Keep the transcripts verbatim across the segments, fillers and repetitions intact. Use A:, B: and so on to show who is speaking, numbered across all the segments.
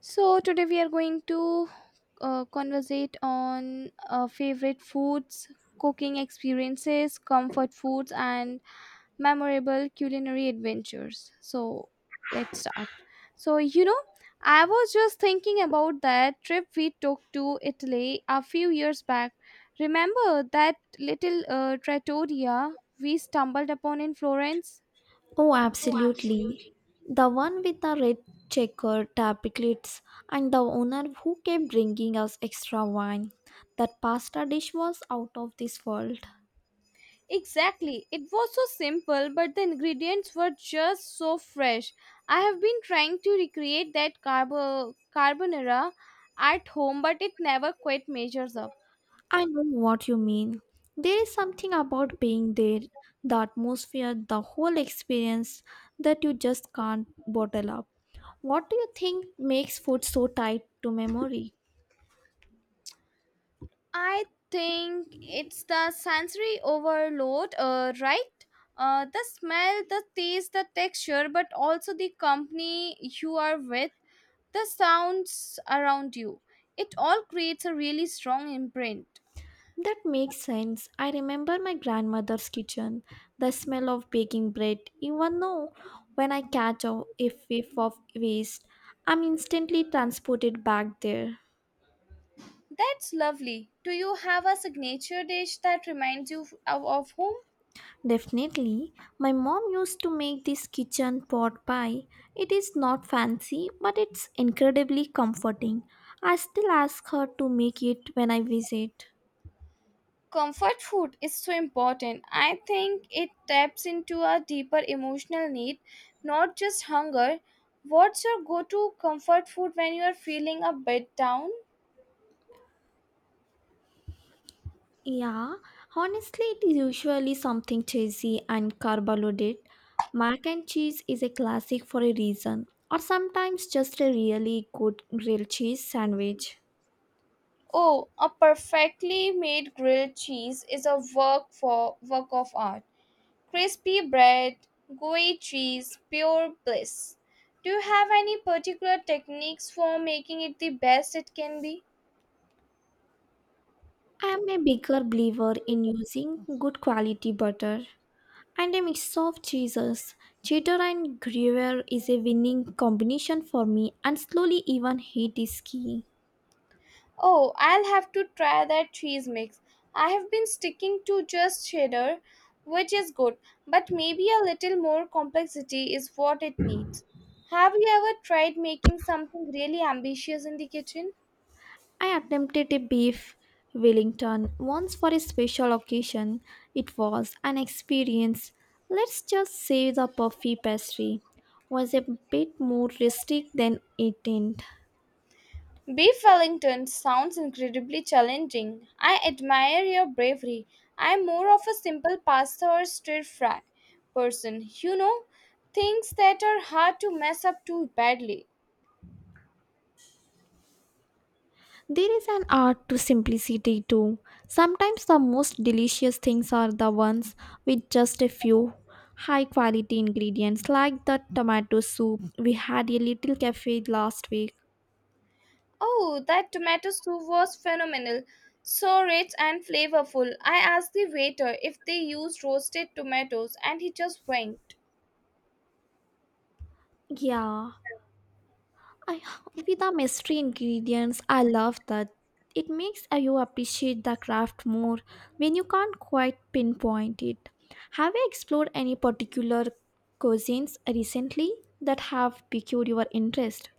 A: So today we are going to uh, conversate on uh, favorite foods, cooking experiences, comfort foods, and memorable culinary adventures. So let's start. So you know, I was just thinking about that trip we took to Italy a few years back. Remember that little uh, trattoria we stumbled upon in Florence?
B: Oh, absolutely. The one with the red checkered tapiklets and the owner who kept bringing us extra wine. That pasta dish was out of this world.
A: Exactly. It was so simple, but the ingredients were just so fresh. I have been trying to recreate that carbo- carbonara at home, but it never quite measures up.
B: I know what you mean. There is something about being there, the atmosphere, the whole experience that you just can't bottle up. What do you think makes food so tied to memory?
A: I think it's the sensory overload, uh, right? Uh, the smell, the taste, the texture, but also the company you are with. The sounds around you. It all creates a really strong imprint.
B: That makes sense. I remember my grandmother's kitchen, the smell of baking bread. Even though when I catch a a whiff of waste, I'm instantly transported back there.
A: That's lovely. Do you have a signature dish that reminds you of, of home?
B: Definitely, my mom used to make this kitchen pot pie. It is not fancy, but it's incredibly comforting. I still ask her to make it when I visit.
A: Comfort food is so important. I think it taps into a deeper emotional need, not just hunger. What's your go to comfort food when you are feeling a bit down?
B: Yeah, honestly, it is usually something cheesy and carbonated. Mac and cheese is a classic for a reason, or sometimes just a really good grilled cheese sandwich.
A: Oh, a perfectly made grilled cheese is a work for work of art. Crispy bread, gooey cheese, pure bliss. Do you have any particular techniques for making it the best it can be?
B: I am a bigger believer in using good quality butter and a mix of cheeses. Cheddar and Gruyere is a winning combination for me, and slowly even heat is key.
A: Oh, I'll have to try that cheese mix. I have been sticking to just cheddar, which is good, but maybe a little more complexity is what it needs. Have you ever tried making something really ambitious in the kitchen?
B: I attempted a beef Wellington once for a special occasion. It was an experience. Let's just say the puffy pastry was a bit more rustic than it intended.
A: Beef Wellington sounds incredibly challenging. I admire your bravery. I'm more of a simple pasta or stir fry person. You know, things that are hard to mess up too badly.
B: There is an art to simplicity too. Sometimes the most delicious things are the ones with just a few high quality ingredients, like the tomato soup we had a little cafe last week.
A: Oh, that tomato soup was phenomenal. So rich and flavorful. I asked the waiter if they used roasted tomatoes and he just winked.
B: Yeah, I, with the mystery ingredients, I love that. It makes you appreciate the craft more when you can't quite pinpoint it. Have you explored any particular cuisines recently that have piqued your interest?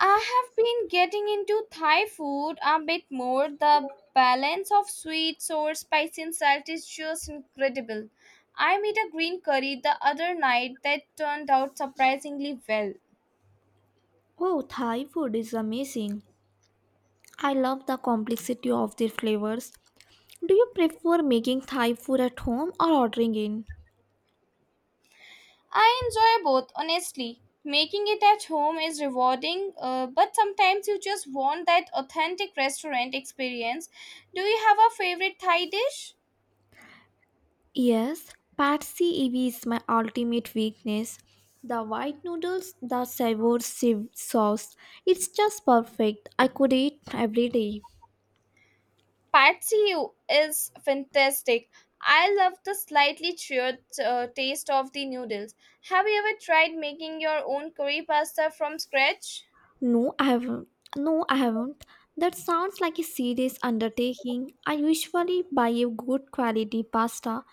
A: I have been getting into Thai food a bit more. The balance of sweet, sour, spicy, and salt is just incredible. I made a green curry the other night that turned out surprisingly well.
B: Oh, Thai food is amazing. I love the complexity of their flavors. Do you prefer making Thai food at home or ordering in?
A: I enjoy both, honestly. Making it at home is rewarding, uh, but sometimes you just want that authentic restaurant experience. Do you have a favorite Thai dish?
B: Yes, Patsy Evi is my ultimate weakness. The white noodles, the savour sieve sauce. It's just perfect. I could eat every day.
A: Patsy is fantastic. I love the slightly cheered uh, taste of the noodles. Have you ever tried making your own curry pasta from scratch?
B: No, I haven't. No, I haven't. That sounds like a serious undertaking. I usually buy a good quality pasta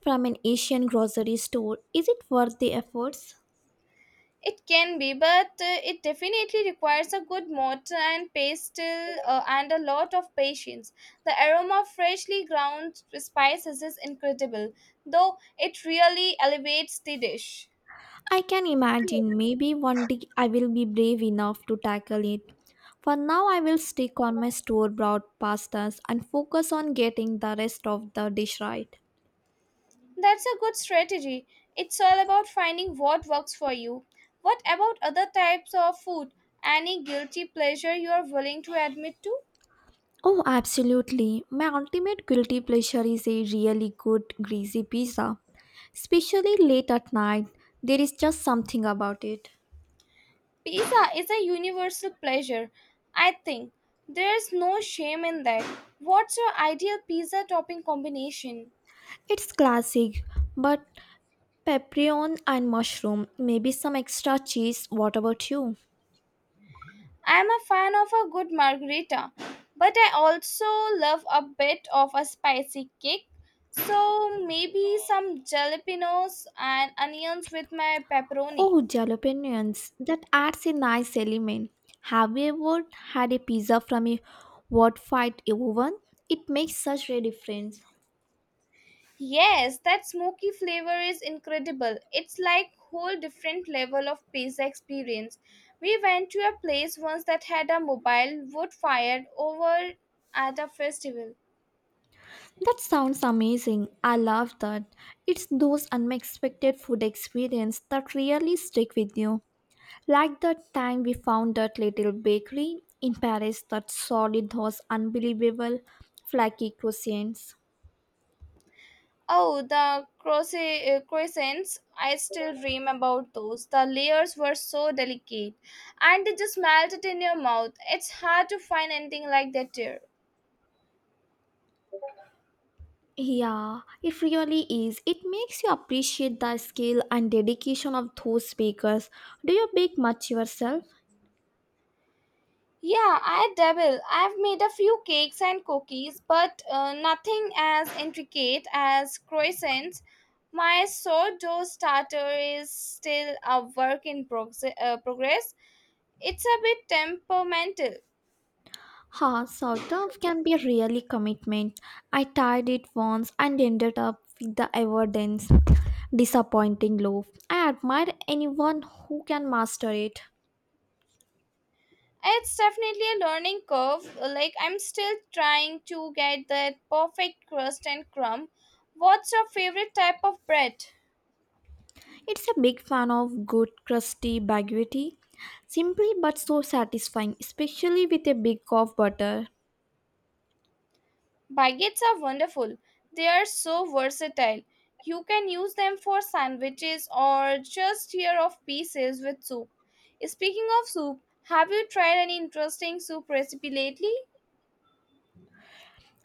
B: from an Asian grocery store. Is it worth the efforts?
A: It can be, but uh, it definitely requires a good mortar and pestle uh, uh, and a lot of patience. The aroma of freshly ground spices is incredible, though it really elevates the dish.
B: I can imagine maybe one day I will be brave enough to tackle it. For now, I will stick on my store bought pastas and focus on getting the rest of the dish right.
A: That's a good strategy. It's all about finding what works for you. What about other types of food? Any guilty pleasure you are willing to admit to?
B: Oh, absolutely. My ultimate guilty pleasure is a really good greasy pizza. Especially late at night, there is just something about it.
A: Pizza is a universal pleasure, I think. There's no shame in that. What's your ideal pizza topping combination?
B: It's classic, but pepperoni and mushroom, maybe some extra cheese. What about you?
A: I'm a fan of a good margarita, but I also love a bit of a spicy kick. So maybe some jalapenos and onions with my pepperoni.
B: Oh, jalapenos. That adds a nice element. Have you ever had a pizza from a wood fired oven? It makes such a difference.
A: Yes, that smoky flavor is incredible. It's like whole different level of pizza experience. We went to a place once that had a mobile wood fire over at a festival.
B: That sounds amazing. I love that. It's those unexpected food experience that really stick with you. Like that time we found that little bakery in Paris that sold those unbelievable flaky croissants.
A: Oh, the croisse- uh, croissants! I still dream about those. The layers were so delicate, and they just melted in your mouth. It's hard to find anything like that here.
B: Yeah, it really is. It makes you appreciate the skill and dedication of those bakers. Do you bake much yourself?
A: Yeah, I dabble. I've made a few cakes and cookies, but uh, nothing as intricate as croissants. My sourdough starter is still a work in prog- uh, progress. It's a bit temperamental.
B: Huh, sort of can be a really commitment. I tried it once and ended up with the evidence disappointing loaf. I admire anyone who can master it.
A: It's definitely a learning curve. Like, I'm still trying to get that perfect crust and crumb. What's your favorite type of bread?
B: It's a big fan of good crusty baguette. Simply but so satisfying, especially with a big of butter.
A: Baguettes are wonderful. They are so versatile. You can use them for sandwiches or just tear off pieces with soup. Speaking of soup, have you tried any interesting soup recipe lately?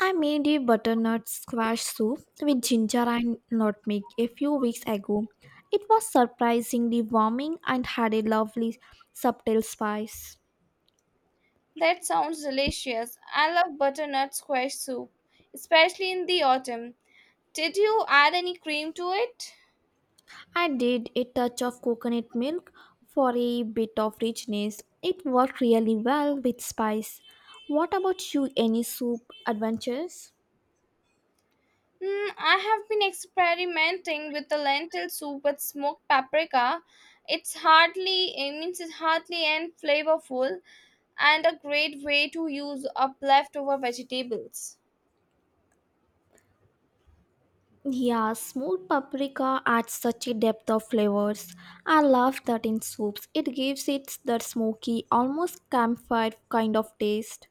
B: I made a butternut squash soup with ginger and nutmeg a few weeks ago. It was surprisingly warming and had a lovely subtle spice.
A: That sounds delicious. I love butternut squash soup, especially in the autumn. Did you add any cream to it?
B: I did a touch of coconut milk for a bit of richness. It worked really well with spice. What about you? Any soup adventures?
A: Mm, I have been experimenting with the lentil soup with smoked paprika. It's hardly, it means it's hardly and flavorful, and a great way to use up leftover vegetables.
B: Yeah, smoked paprika adds such a depth of flavors. I love that in soups. It gives it that smoky, almost campfire kind of taste.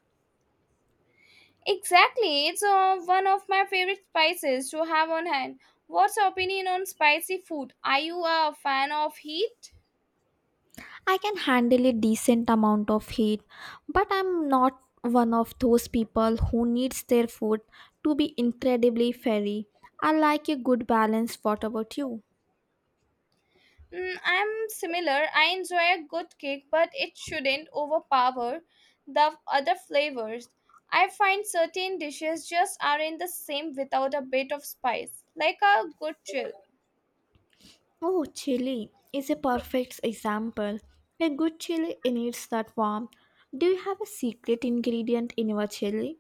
A: Exactly, it's uh, one of my favorite spices to have on hand. What's your opinion on spicy food? Are you a fan of heat?
B: I can handle a decent amount of heat, but I'm not one of those people who needs their food to be incredibly fairy. I like a good balance. What about you?
A: Mm, I'm similar. I enjoy a good cake, but it shouldn't overpower the other flavors. I find certain dishes just aren't the same without a bit of spice, like a good chill.
B: Oh, chili is a perfect example. A good chili needs that warmth. Do you have a secret ingredient in your chili?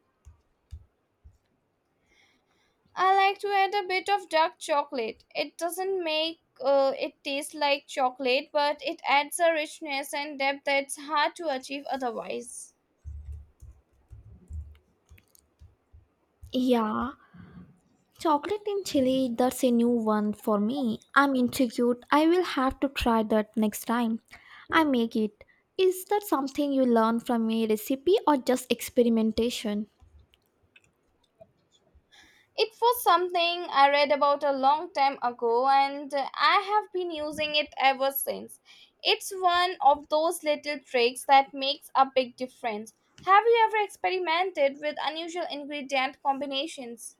A: I like to add a bit of dark chocolate. It doesn't make uh, it taste like chocolate, but it adds a richness and depth that's hard to achieve otherwise.
B: Yeah, chocolate in chili, that's a new one for me. I'm intrigued. I will have to try that next time I make it. Is that something you learn from a recipe or just experimentation?
A: It was something I read about a long time ago and I have been using it ever since. It's one of those little tricks that makes a big difference. Have you ever experimented with unusual ingredient combinations?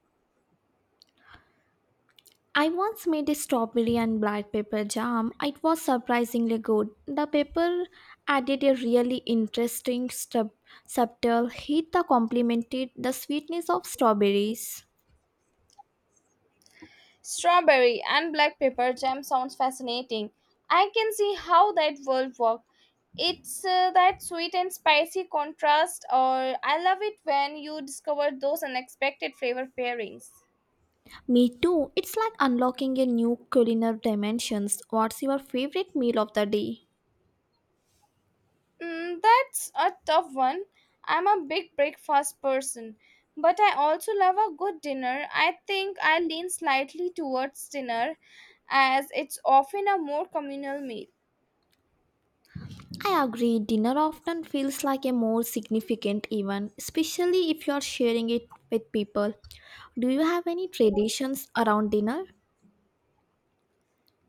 B: I once made a strawberry and black pepper jam. It was surprisingly good. The pepper added a really interesting sub- subtle heat that complemented the sweetness of strawberries.
A: Strawberry and black pepper jam sounds fascinating. I can see how that will work. It's uh, that sweet and spicy contrast or I love it when you discover those unexpected flavor pairings.
B: Me too. It's like unlocking a new culinary dimensions. What's your favorite meal of the day?
A: Mm, that's a tough one. I'm a big breakfast person, but I also love a good dinner. I think I lean slightly towards dinner as it's often a more communal meal.
B: I agree. Dinner often feels like a more significant event, especially if you are sharing it with people. Do you have any traditions around dinner?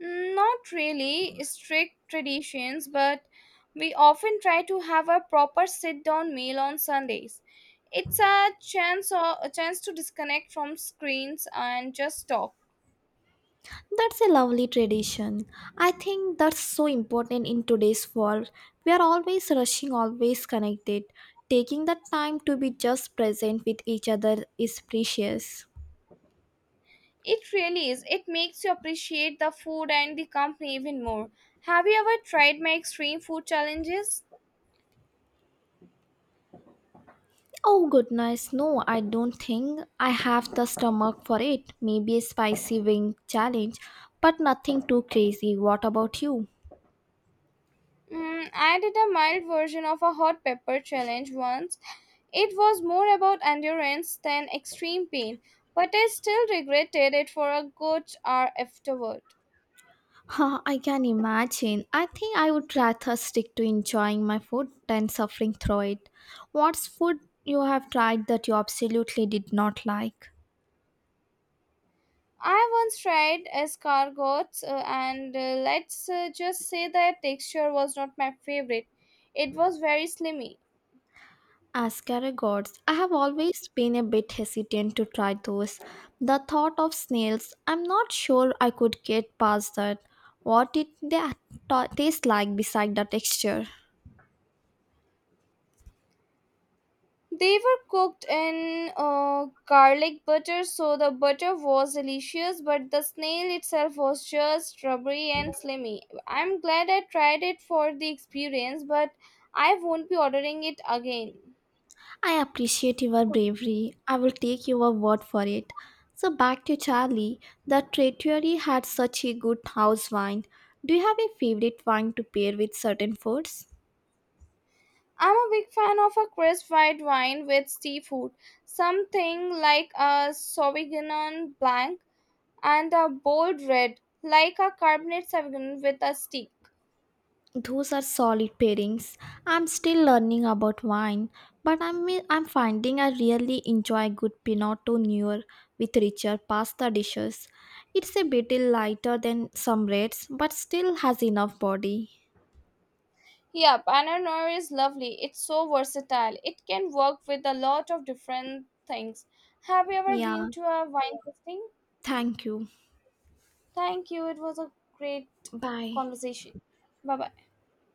A: Mm, not really strict traditions, but we often try to have a proper sit-down meal on Sundays. It's a chance or a chance to disconnect from screens and just talk.
B: That's a lovely tradition. I think that's so important in today's world. We are always rushing, always connected. Taking the time to be just present with each other is precious.
A: It really is. It makes you appreciate the food and the company even more. Have you ever tried my extreme food challenges?
B: Oh goodness, no, I don't think I have the stomach for it. Maybe a spicy wing challenge, but nothing too crazy. What about you?
A: Mm, I did a mild version of a hot pepper challenge once. It was more about endurance than extreme pain, but I still regretted it for a good hour afterward.
B: Huh, I can imagine. I think I would rather stick to enjoying my food than suffering through it. What's food you have tried that you absolutely did not like?
A: I once tried escargots, uh, and uh, let's uh, just say that texture was not my favorite. It was very slimy.
B: As gods, I have always been a bit hesitant to try those. The thought of snails, I'm not sure I could get past that. What did they ta- taste like beside the texture?
A: They were cooked in uh, garlic butter, so the butter was delicious, but the snail itself was just rubbery and slimy. I'm glad I tried it for the experience, but I won't be ordering it again.
B: I appreciate your bravery. I will take your word for it. So back to Charlie. The treachery had such a good house wine. Do you have a favorite wine to pair with certain foods?
A: I'm a big fan of a crisp white wine with seafood, something like a Sauvignon Blanc and a bold red, like a Cabernet Sauvignon with a steak.
B: Those are solid pairings. I'm still learning about wine, but I'm I'm finding I really enjoy good Pinot Noir with richer pasta dishes. It's a bit lighter than some reds, but still has enough body.
A: Yeah, Paneer is lovely. It's so versatile. It can work with a lot of different things. Have you ever
B: Yeah,
A: been to a wine tasting?
B: thank you.
A: Thank you. It was a great
B: Bye.
A: conversation. Bye bye.